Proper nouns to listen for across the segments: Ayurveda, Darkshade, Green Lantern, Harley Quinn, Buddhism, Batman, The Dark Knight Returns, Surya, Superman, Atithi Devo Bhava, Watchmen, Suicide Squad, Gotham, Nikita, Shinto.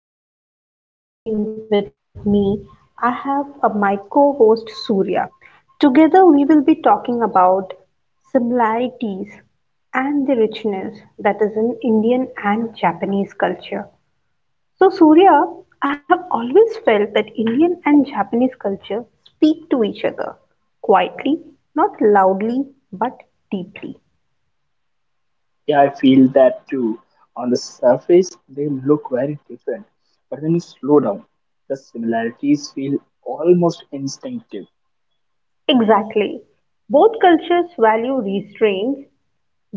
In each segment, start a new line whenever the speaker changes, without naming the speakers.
Nikita, and today with me I have my co host Surya. Together we will be talking about similarities and the richness that is in Indian and Japanese culture. So, Surya, I have always felt that Indian and Japanese culture speak to each other quietly, not loudly, but deeply.
Yeah, I feel that too. On the surface, they look very different, but when you slow down, the similarities feel almost instinctive.
Exactly. Both cultures value restraints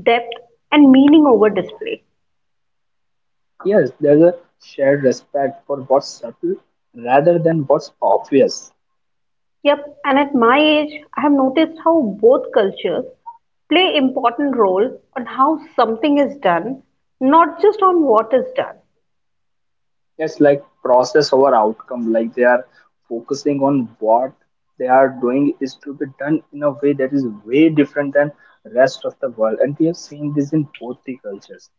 depth, and meaning over display.
Yes, there's a shared respect for what's subtle rather than what's obvious.
Yep, and at my age, I have noticed how both cultures play important role on how something is done, not just on what is done.
It's like process over outcome, like they are focusing on what they are doing is to be done in a way that is way different than rest of the world, and we have seen this in both the cultures.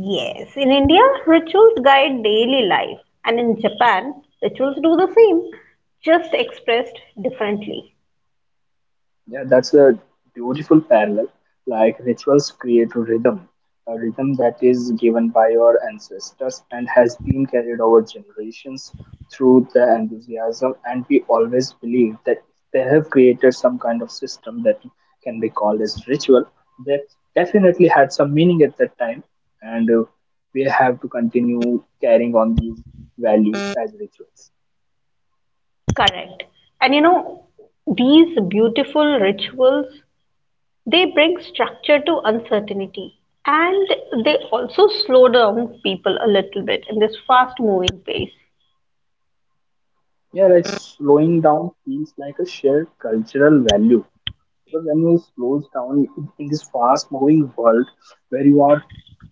Yes, in India, rituals guide daily life, and in Japan, rituals do the same, just expressed differently.
Yeah, that's a beautiful parallel. Like rituals create a rhythm that is given by your ancestors and has been carried over generations through the enthusiasm. And we always believe that if they have created some kind of system that can be called as ritual, that definitely had some meaning at that time. And we have to continue carrying on these values as rituals.
Correct. And these beautiful rituals They bring structure to uncertainty and they also slow down people a little bit in this fast moving pace.
Yeah, like slowing down feels like a shared cultural value. Because when you slows down in this fast-moving world where you are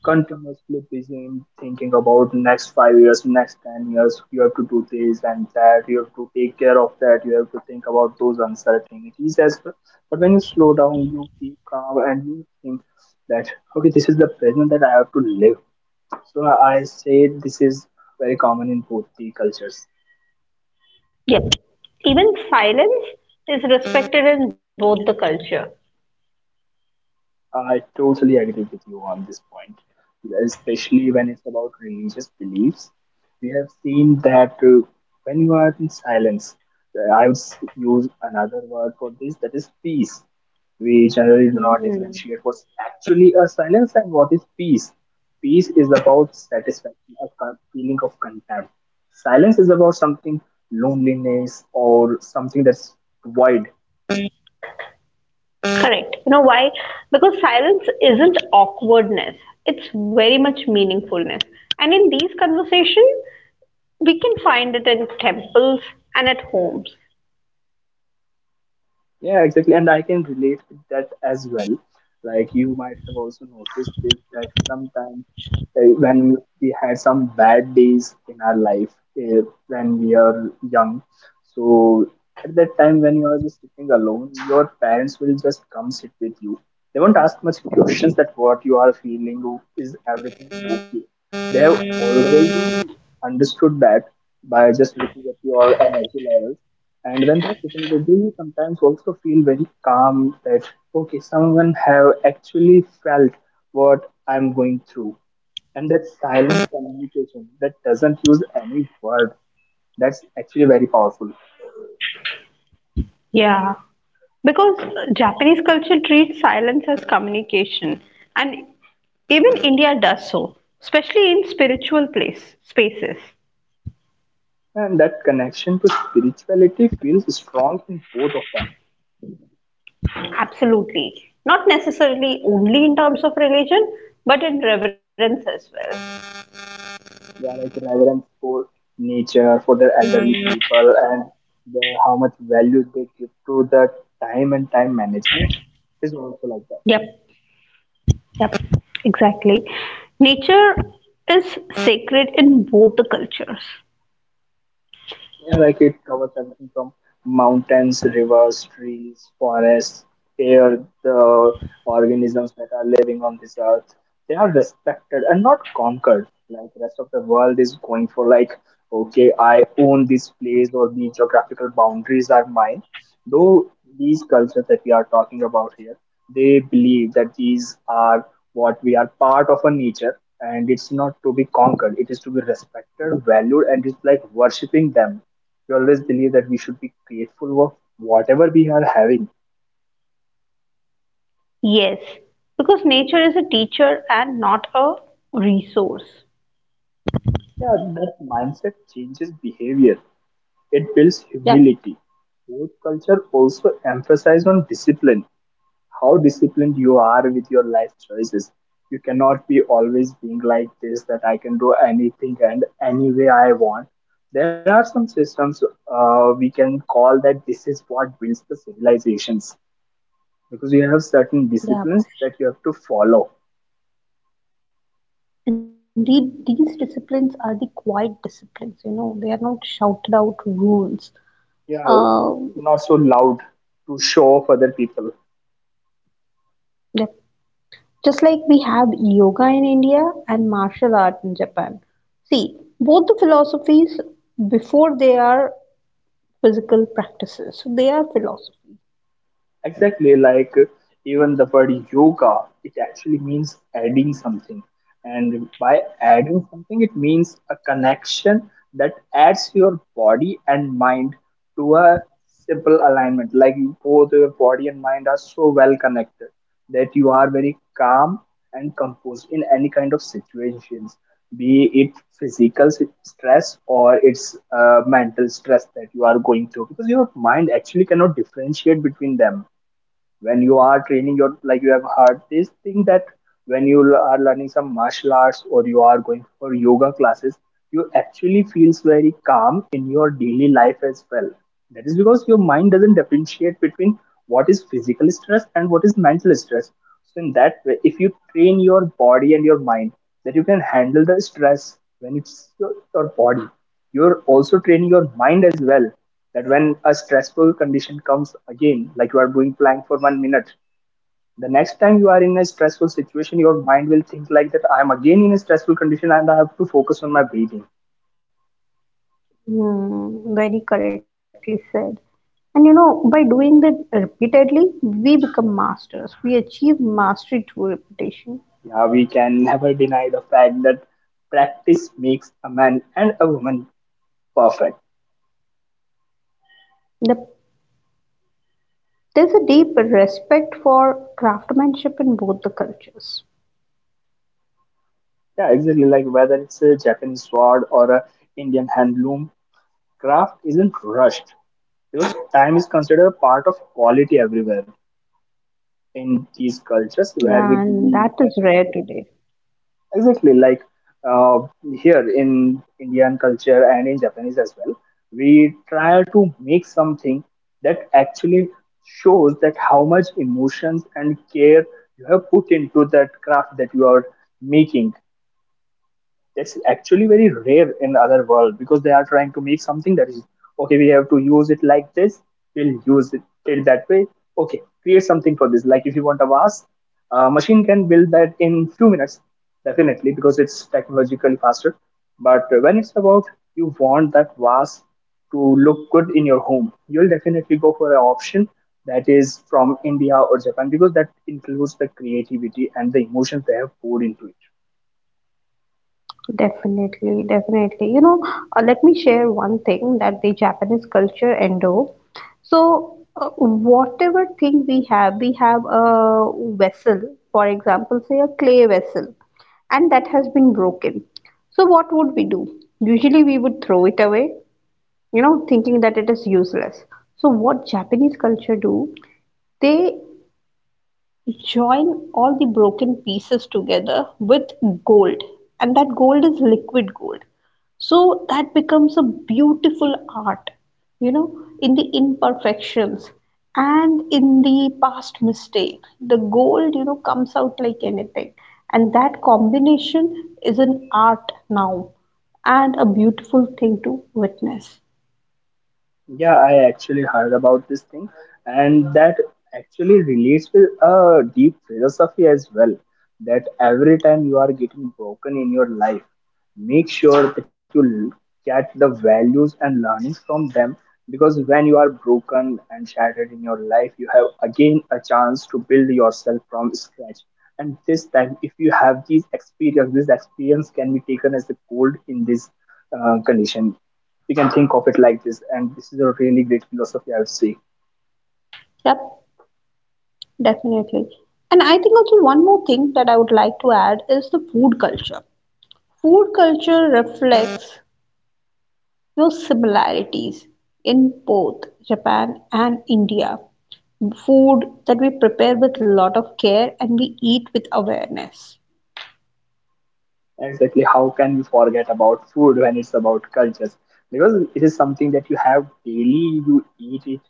continuously busy in thinking about next 5 years, next 10 years, you have to do this and that, you have to take care of that, you have to think about those uncertainties as well. But when you slow down, you keep calm and you think that okay, this is the present that I have to live. So I say this is very common in both the cultures.
Yep. Even silence is respected in both the culture.
I totally agree with you on this point, especially when it's about religious beliefs. We have seen that when you are in silence, I would use another word for this that is peace. We generally do not
Hmm.
differentiate what's actually a silence and what is peace. Peace is about satisfaction, a feeling of content. Silence is about something loneliness or something that's void.
Correct. You know why? Because silence isn't awkwardness. It's very much meaningfulness. And in these conversations, we can find it in temples and at homes.
Yeah, exactly. And I can relate with that as well. Like you might have also noticed this that sometimes when we had some bad days in our life, uh, when we are young, so at that time when you are just sitting alone, your parents will just come sit with you. They won't ask much questions that what you are feeling, is everything okay? They have already understood that by just looking at your energy levels. And when they're sitting with you, you sometimes also feel very calm that, okay, someone have actually felt what I'm going through. And that silent communication that doesn't use any word, that's actually very powerful.
Yeah, because Japanese culture treats silence as communication, and even India does so, especially in spiritual place spaces.
And that connection to spirituality feels strong in both of them.
Absolutely, not necessarily only in terms of religion, but in reverence as well.
Yeah, like reverence for nature, for the elderly people, and the, how much value they give to the time and time management is also like that.
Yep, yep, exactly. Nature is sacred in both the cultures.
Yeah, like it covers everything from mountains, rivers, trees, forests, air, the organisms that are living on this earth. They are respected and not conquered. Like rest of the world is going for like, okay, I own this place or the geographical boundaries are mine. Though these cultures that we are talking about here, they believe that these are what we are part of a nature, and it's not to be conquered, it is to be respected, valued, and it's like worshipping them. We always believe that we should be grateful of whatever we are having.
Yes, because nature is a teacher and not a resource.
Yeah, that mindset changes behavior. It builds
Yeah,
humility. Both culture also emphasize on discipline. How disciplined you are with your life choices. You cannot be always being like this that I can do anything and any way I want. There are some systems, we can call that this is what builds the civilizations because you have certain
yeah.
disciplines that you have to follow.
Indeed, these disciplines are the quiet disciplines, they are not shouted out rules.
You are
Uh,
not so loud to show off other people.
yeah. Just like we have yoga in India and martial art in Japan. See, both the philosophies, before they are physical practices, so they are philosophy.
Exactly, like even the word yoga, it actually means adding something. And by adding something, it means a connection that adds your body and mind to a simple alignment. Like both your body and mind are so well connected that you are very calm and composed in any kind of situations, be it physical stress or it's mental stress that you are going through, because your mind actually cannot differentiate between them when you are training your, like you have heard this thing that when you are learning some martial arts or you are going for yoga classes, you actually feels very calm in your daily life as well. That is because your mind doesn't differentiate between what is physical stress and what is mental stress. So in that way, if you train your body and your mind that you can handle the stress when it's your body, you're also training your mind as well, that when a stressful condition comes again, like you are doing plank for 1 minute, the next time you are in a stressful situation, your mind will think like that I am again in a stressful condition and I have to focus on my breathing.
Hmm, very correctly said. And by doing that repeatedly, we become masters. We achieve mastery through repetition.
Yeah, we can never deny the fact that practice makes a man and a woman perfect.
The There is a deep respect for craftsmanship in both the cultures.
Yeah, exactly. Like whether it's a Japanese sword or a Indian handloom, craft isn't rushed because time is considered a part of quality everywhere. In these cultures
Yeah,
where
and
we
that is
believe
rare
that
today.
exactly like uh, here in Indian culture and in Japanese as well, we try to make something that actually shows that how much emotions and care you have put into that craft that you are making. That's actually very rare in other world because they are trying to make something that is okay, we have to use it like this, we'll use it that way. Okay, create something for this, like if you want a vase, a machine can build that in few minutes, definitely, because it's technologically faster. But when it's about you want that vase to look good in your home, you'll definitely go for an option that is from India or Japan, because that includes the creativity and the emotions they have poured into it.
Definitely, definitely. Let me share one thing that the Japanese culture endo. So, whatever thing we have a vessel, for example, say a clay vessel, and that has been broken. So, what would we do? Usually, we would throw it away, thinking that it is useless. So, what Japanese culture do? They join all the broken pieces together with gold, and that gold is liquid gold. So that becomes a beautiful art, in the imperfections and in the past mistake. The gold, comes out like anything, and that combination is an art now and a beautiful thing to witness.
Yeah, I actually heard about this thing, and that actually relates with a deep philosophy as well that every time you are getting broken in your life, make sure that you get the values and learnings from them, because when you are broken and shattered in your life, you have again a chance to build yourself from scratch. And this time, if you have these experience, this experience can be taken as a gold in this condition. You can think of it like this, and this is a really great philosophy, I would say.
Yep, definitely. And I think also one more thing that I would like to add is the food culture. Food culture reflects no similarities in both Japan and India. Food that we prepare with a lot of care and we eat with awareness.
Exactly. How can we forget about food when it's about cultures? Because it is something that you have daily, you eat it,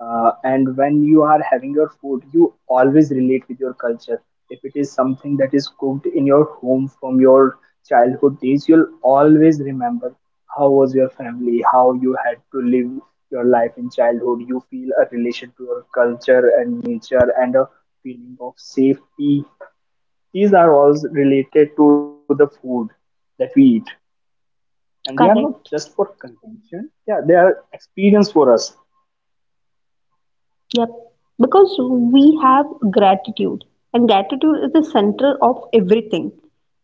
and when you are having your food, you always relate with your culture. If it is something that is cooked in your home from your childhood days, you'll always remember how was your family, how you had to live your life in childhood. You feel a relation to your culture and nature and a feeling of safety. These are all related to the food that we eat, and they are not just for
Correct.
consumption. Yeah, they are experience for us.
Yep. Because we have gratitude, and gratitude is the center of everything.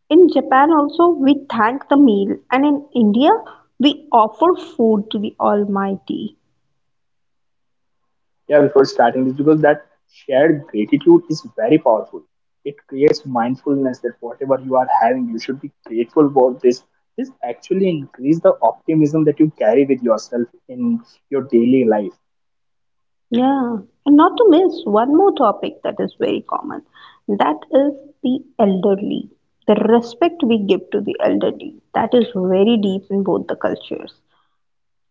In Japan, also, we thank the meal, and in India, we offer food to the Almighty.
Yeah, before starting this, because that shared gratitude is very powerful. It creates mindfulness that whatever you are having, you should be grateful for this. This actually increase the optimism that you carry with yourself in your daily life.
Yeah, and not to miss one more topic that is very common, that is the elderly, the respect we give to the elderly. That is very deep in both the cultures.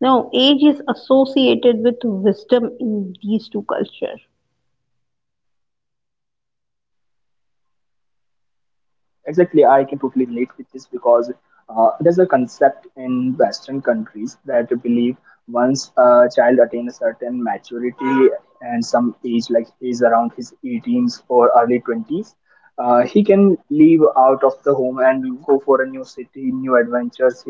Now, age is associated with wisdom in these two cultures.
Exactly, I can totally relate with this because there's a concept in Western countries that believe once a child attains a certain maturity and some age, like he's around his 18s or early 20s, he can leave out of the home and go for a new city, new adventures. He'll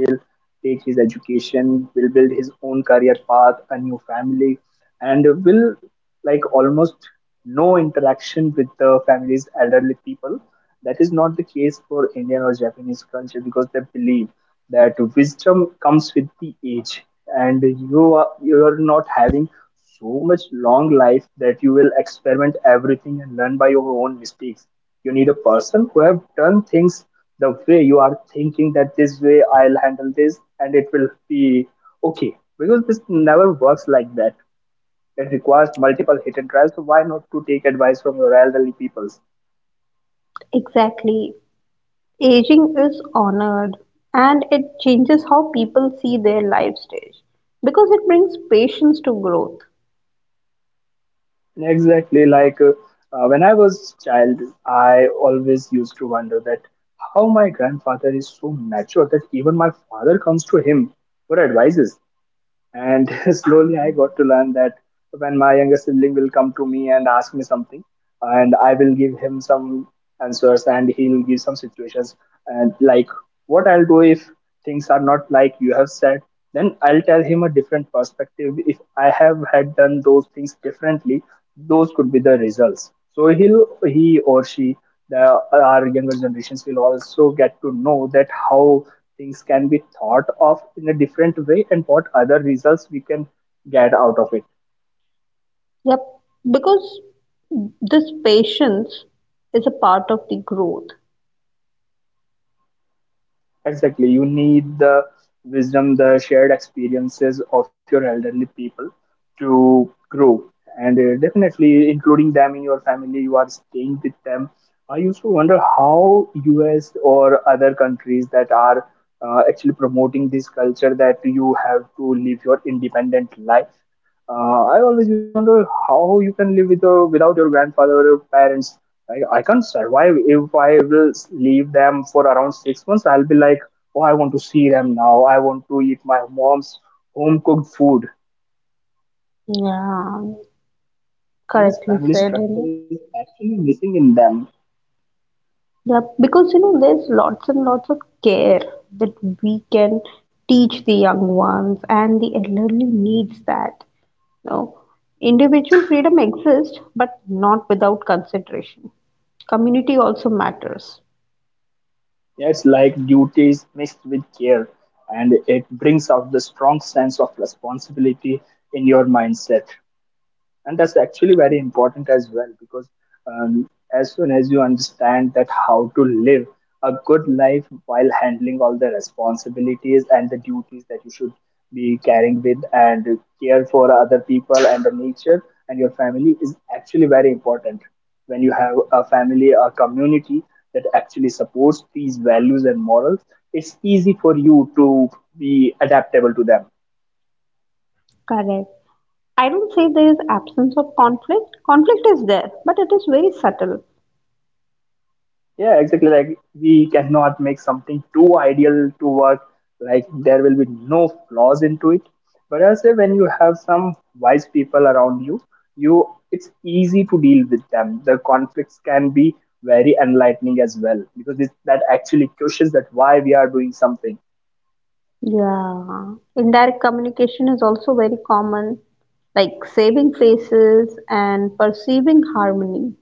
take his education, will build his own career path, a new family and will like almost no interaction with the families, elderly people. That is not the case for Indian or Japanese culture because they believe that wisdom comes with the age, and you are not having so much long life that you will experiment everything and learn by your own mistakes. You need a person who have done things the way you are thinking that this way I'll handle this and it will be okay, because this never works like that. It requires multiple hit and tries, so why not to take advice from your elderly peoples?
Exactly. Aging is honored and it changes how people see their life stage because it brings patience to growth.
Exactly like when I was child, I always used to wonder that how my grandfather is so mature that even my father comes to him for advices. And slowly I got to learn that when my younger sibling will come to me and ask me something, and I will give him some answers and he'll give some situations. And like, what I'll do if things are not like you have said, then I'll tell him a different perspective. If I have had done those things differently, those could be the results. So he'll, he or she the, our younger generations will also get to know that how things can be thought of in a different way and what other results we can get out of it.
Yep, because this patience is a part of the growth.
Exactly. You need the wisdom, the shared experiences of your elderly people to grow. And definitely including them in your family, you are staying with them. I used to wonder how US or other countries that are actually promoting this culture that you have to live your independent life. I always used to wonder how you can live with your, without your grandfather or your parents. I can't survive if I will leave them for around 6 months. I'll be like, oh, I want to see them now. I want to eat my mom's home cooked food.
Yeah,
And this
correctly
family
said.
structure is actually missing in them.
Yeah, because there's lots and lots of care that we can teach the young ones, and the elderly needs that. You know, individual freedom exists, but not without consideration. Community also matters.
Yeah, it's like duties mixed with care, and it brings out the strong sense of responsibility in your mindset. And that's actually very important as well because um, as soon as you understand that how to live a good life while handling all the responsibilities and the duties that you should be carrying with and care for other people and the nature and your family is actually very important. When you have a family a community that actually supports these values and morals, it's easy for you to be adaptable to them.
Correct. I don't say there is absence of conflict. Conflict is there, but it is very subtle.
Yeah, exactly. Like we cannot make something too ideal to work. Like there will be no flaws into it. But I say when you have some wise people around you, you it's easy to deal with them. The conflicts can be very enlightening as well because this, that actually questions that why we are doing something.
Yeah, indirect communication is also very common, like saving faces and perceiving harmony.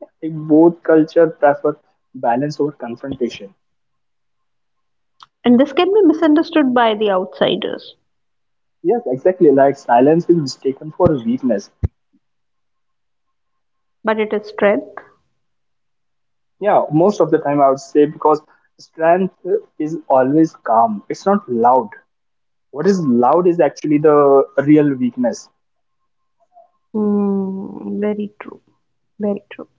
I think both culture prefer balance over confrontation.
And this can be misunderstood by the outsiders,
Yes, exactly. Like silence is mistaken for weakness.
but it is strength.
Yeah, most of the time I would say because strength is always calm. It's not loud. What is loud is actually the real weakness,
Hmm, very true, very true.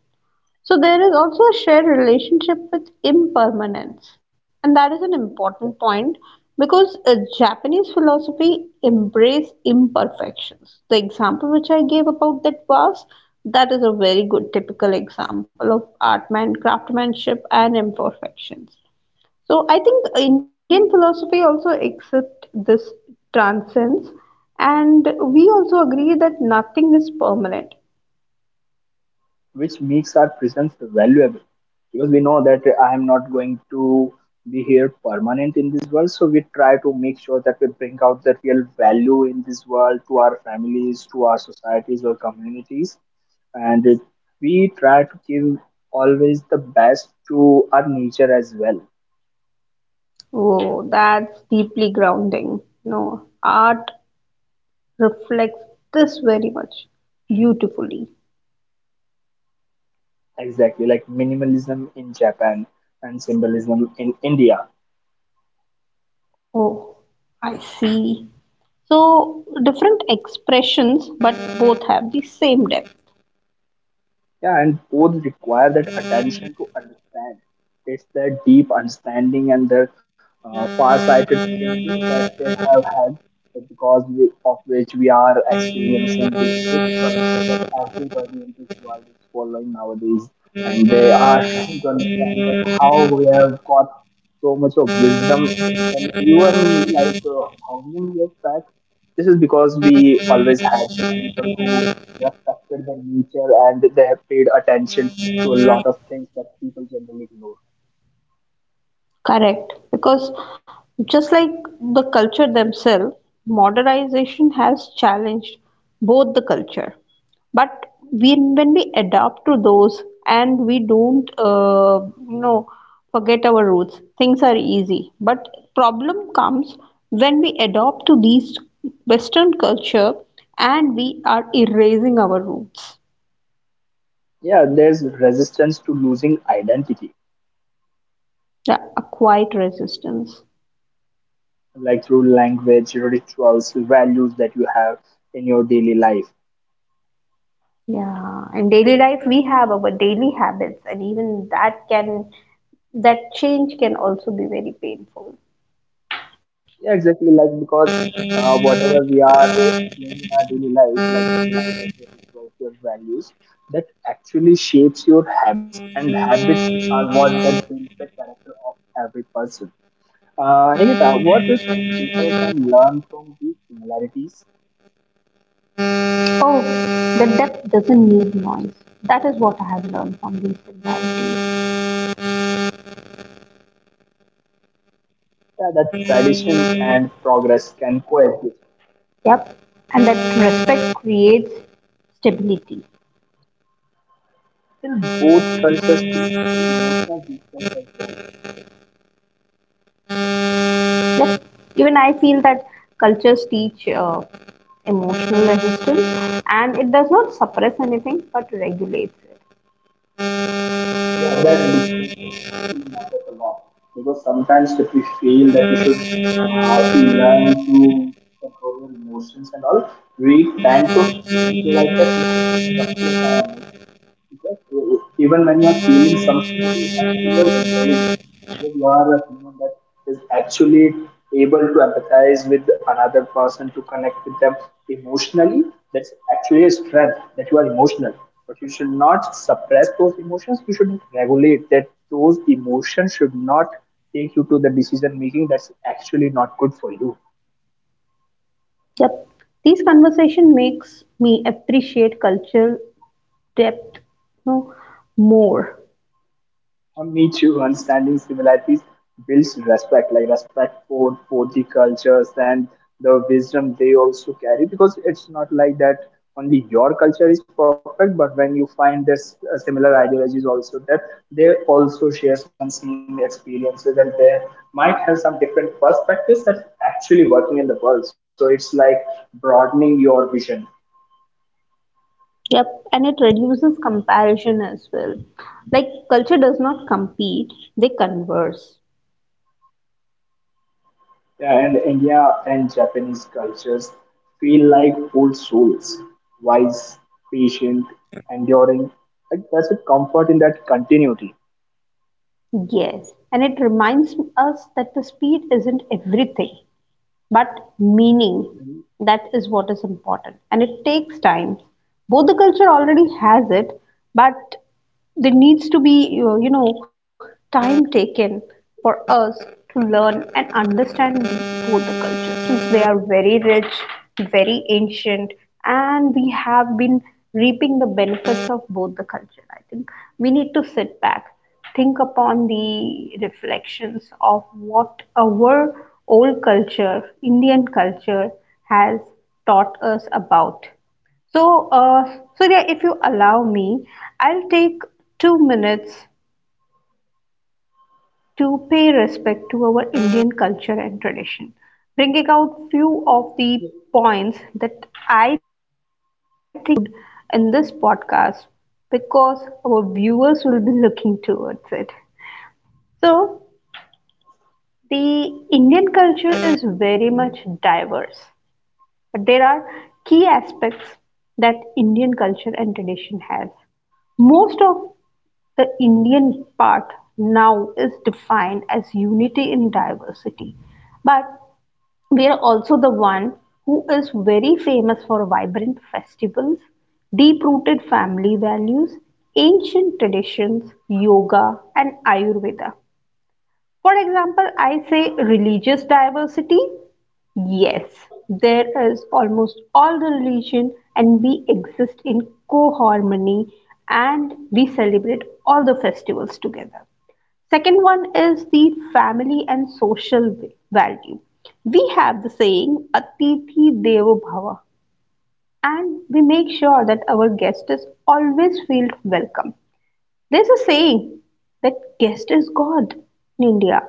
So there is also a shared relationship with impermanence, and that is an important point because Japanese philosophy embrace imperfections. The example which I gave about that vase, that is a very good typical example of artman craftsmanship and imperfections. So I think Indian philosophy also accept this transcends, and we also agree that nothing is permanent.
which makes our presence valuable. Because we know that I am not going to be here permanent in this world, so we try to make sure that we bring out the real value in this world to our families, to our societies or communities, and it, we try to give always the best to our nature as well.
Oh, that's deeply grounding. No, art reflects this very much beautifully.
Exactly, like minimalism in Japan and symbolism in India.
Oh, I see. So, different expressions, but both have the same depth.
Yeah, and both require that attention to understand. It's their deep understanding and their far-sighted thinking that they have had, because we, of which we are experiencing this rich culture that everybody in this world is following nowadays. And they are trying to understand that how we have got so much of wisdom. And even like how many years back, this is because we always had such people who respected their nature and they have paid attention to a lot of things that people generally ignore.
Correct. Because just like the culture themselves, modernization has challenged both the culture. But we, when we adapt to those and we don't, you know, forget our roots, things are easy. But problem comes when we adopt to these Western culture and we are erasing our roots.
Yeah, there's resistance to losing identity,
Yeah, a quiet resistance.
like through language, rituals, values that you have in your daily life.
Yeah, in daily life we have our daily habits, and even that change can also be very painful.
Yeah, exactly. Like because whatever we are doing in our daily life, like your language, your rituals, your values, that actually shapes your habits, and habits are what that builds the character of every person. Nikita, what do you think people can learn from these similarities,
Oh, the depth doesn't need noise. That is what I have learned from these similarities.
that tradition and progress can coexist
Yep, and that respect creates stability.
till both cultures teach emotional distance as well?
Yep, even I feel that cultures teach emotional resistance, and it does not suppress anything but regulates it.
Yeah, that distinction actually matters a lot because sometimes if we feel that we should learn to control your emotions and all, we tend to think like that we have to suppress our emotions. Because even when you are feeling something, it is actually your intelligence. Because you are a human that is actually able to empathize with another person to connect with them emotionally. That's actually a strength that you are emotional. But you should not suppress those emotions. You should regulate that. Those emotions should not take you to the decision making that's actually not good for you.
Yep. These conversation makes me appreciate culture depth, more.
Me too. Understanding similarities builds respect, like respect for the cultures and the wisdom they also carry. Because it's not like that only your culture is perfect, but when you find this similar ideologies also that they also share some same experiences and they might have some different perspectives that actually working in the world. So it's like broadening your vision.
Yep, and it reduces comparison as well. Like culture does not compete, they converse.
Yeah, and India and Japanese cultures feel like old souls, wise, patient, enduring. Like there's a comfort in that continuity.
Yes, and it reminds us that the speed isn't everything, but meaning, that is what is important, and it takes time. Both the culture already has it, but there needs to be, time taken for us to learn and understand both the cultures, since they are very rich, very ancient. And we have been reaping the benefits of both the culture. I think we need to sit back, think upon the reflections of what our old culture, Indian culture, has taught us about. So, Surya, if you allow me, I'll take 2 minutes to pay respect to our Indian culture and tradition, bringing out few of the points that I think we should in this podcast because our viewers will be looking towards it. So, the Indian culture is very much diverse, but there are key aspects that Indian culture and tradition has. Most of the Indian part now is defined as unity in diversity, but we are also the one who is very famous for vibrant festivals, deep rooted family values, ancient traditions, yoga, and Ayurveda. For example, I say religious diversity. Yes, there is almost all the religion and we exist in co-harmony and we celebrate all the festivals together. Second one is the family and social value. We have the saying Atithi Devo Bhava and we make sure that our guest is always feel welcome. There's a saying that guest is God in India.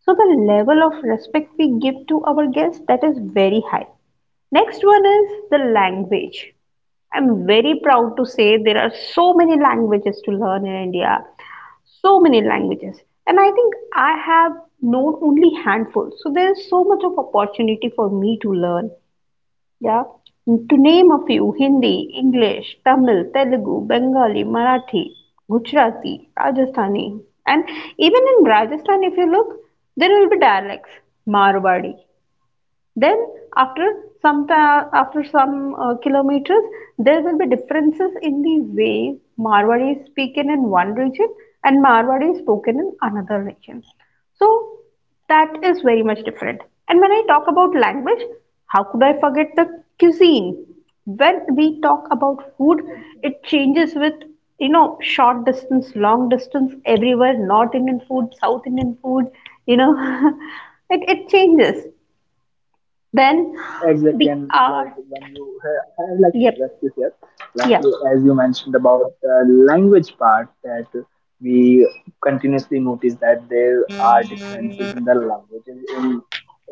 So the level of respect we give to our guests that is very high. Next one is the language. I'm very proud to say there are so many languages to learn in India, so many languages. And I think I have known only handful. So there is so much of opportunity for me to learn. Yeah. To name a few, Hindi, English, Tamil, Telugu, Bengali, Marathi, Gujarati, Rajasthani. And even in Rajasthan, if you look, there will be dialects. Marwadi, then after some after some kilometers, there will be differences in the way Marwari is spoken in one region and Marwari is spoken in another region. So that is very much different. And when I talk about language, how could I forget the cuisine? When we talk about food, it changes with, short distance, long distance everywhere. North Indian food, South Indian food, you know, it changes. Then
Exactly,
the
and like
art.
when you, I would like to correct
Yep.
you here, like
Yep.
as you mentioned about the language part, that we continuously notice that there are differences in the languages in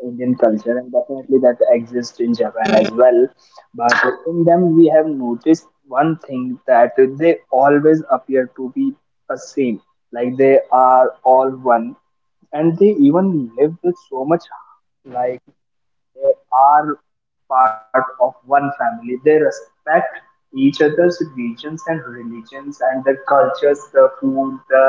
Indian culture, and definitely that exists in Japan as well. But in them, we have noticed one thing that they always appear to be the same, like they are all one, and they even live with so much like they are part of one family; they respect each other's regions and religions and the cultures, the food, the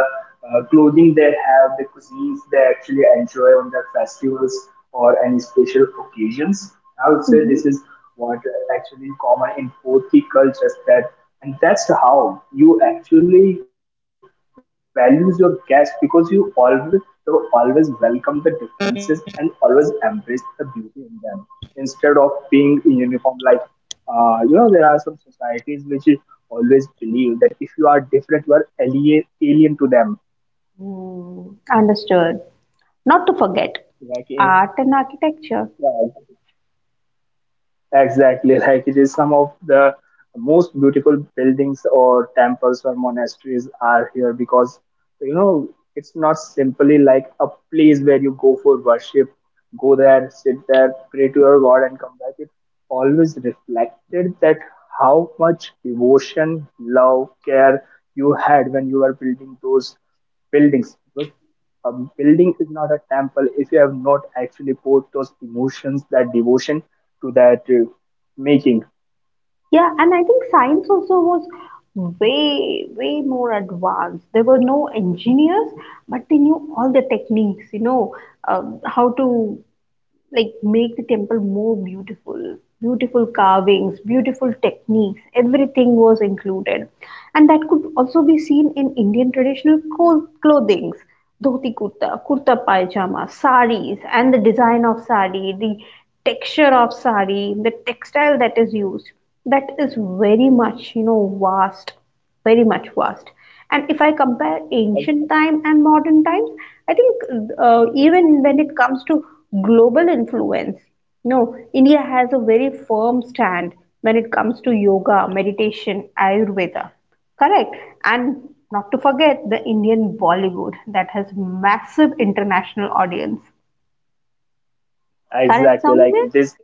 clothing they have, the cuisines they actually enjoy on their festivals or any special occasions. I would say
Hmm.
this is what actually common in both the cultures that and that's how you actually values your guests because you always welcome the differences and always embrace the beauty in them instead of being in uniform like you know there are some societies which always believe that if you are different you are alien, alien to them
Mm. Understood. Not to forget
like in,
art and architecture.
yeah, exactly, like it is some of the most beautiful buildings or temples or monasteries are here because you know it's not simply like a place where you go for worship, go there, sit there, pray to your God, and come back. It always reflected that how much devotion, love, care you had when you were building those buildings. A building is not a temple if you have not actually poured those emotions, that devotion to that making.
Yeah, and I think science also was way, way more advanced. There were no engineers, but they knew all the techniques, how to like make the temple more beautiful, beautiful carvings, beautiful techniques, everything was included. And that could also be seen in Indian traditional clothings: dhoti kurta, kurta pajama, saris, and the design of sari, the texture of sari, the textile that is used, that is very much, vast, very much vast. And if I compare ancient time and modern times, I think, even when it comes to global influence, no, India has a very firm stand when it comes to yoga, meditation, Ayurveda. Correct. And not to forget the Indian Bollywood that has massive international audience. Correct,
Exactly like
Soumya?
this,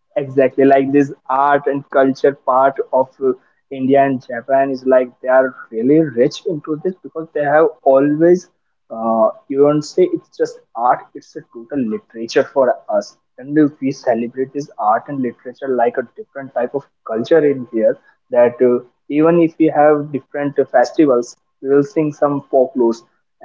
exactly like this art and culture part of India and Japan is like they are really rich into this because they have always, you don't say it's just art, it's a total literature for us. And if we celebrate this art and literature like a different type of culture in here that. Even if we have different festivals, we will sing some folklores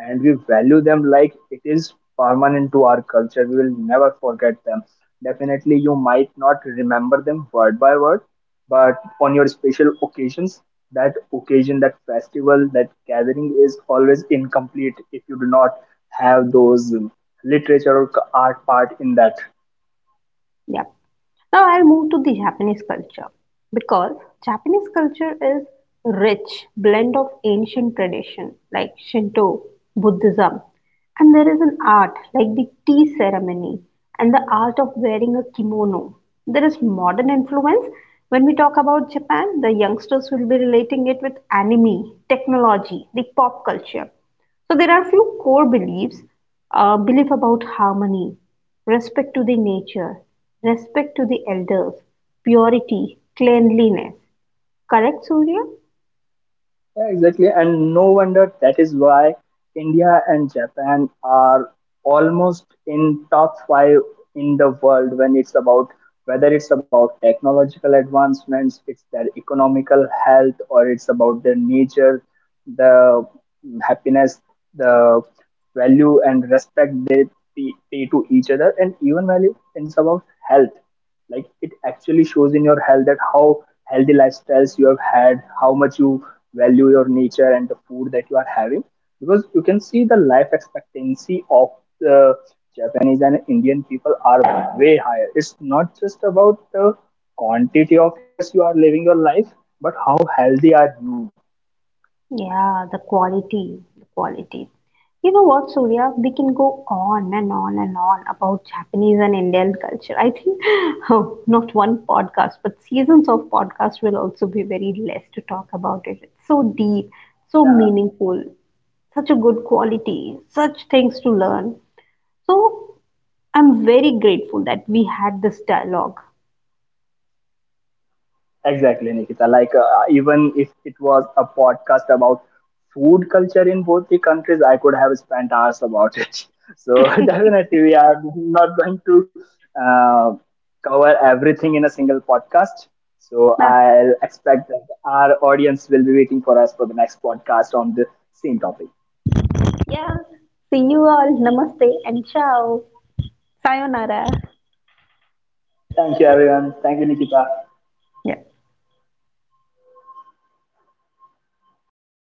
and we value them like it is permanent to our culture. We will never forget them. Definitely, you might not remember them word by word, but on your special occasions, that occasion, that festival, that gathering is always incomplete if you do not have those literature or art part in that.
Yep. Now I'll move to the Japanese culture because Japanese culture is rich blend of ancient tradition like Shinto, Buddhism, and there is an art like the tea ceremony and the art of wearing a kimono. There is modern influence. When we talk about Japan, the youngsters will be relating it with anime, technology, the pop culture. So there are few core beliefs, belief about harmony, respect to the nature, respect to the elders, purity, cleanliness. Correct, Surya?
Yeah, exactly. And no wonder that is why India and Japan are almost in top 5 in the world when it's about whether it's about technological advancements, it's their economical health, or it's about their nature, the happiness, the value and respect they pay to each other, and even value in it's of health. Like it actually shows in your health that how healthy lifestyles you have had, how much you value your nature and the food that you are having. Because you can see the life expectancy of the Japanese and Indian people are way higher. It's not just about the quantity of years you are living your life, but how healthy are you.
Yeah, the quality, the quality. You know what, Surya? We can go on and on and on about Japanese and Indian culture. I think, oh, not one podcast, but seasons of podcast will also be very less to talk about it. It's so deep, so meaningful. Such a good quality, such things to learn. So I'm very grateful that we had this dialogue.
Exactly, Nikita. Like, even if it was a podcast about food culture in both the countries, I could have spent hours about it. So, definitely, we are not going to uh, cover everything in a single podcast. So,
Bah,
I'll expect that our audience will be waiting for us for the next podcast on the same topic.
yeah. See you all. Namaste and ciao. Sayonara.
Thank you, everyone. Thank you, Nikita.
Yeah.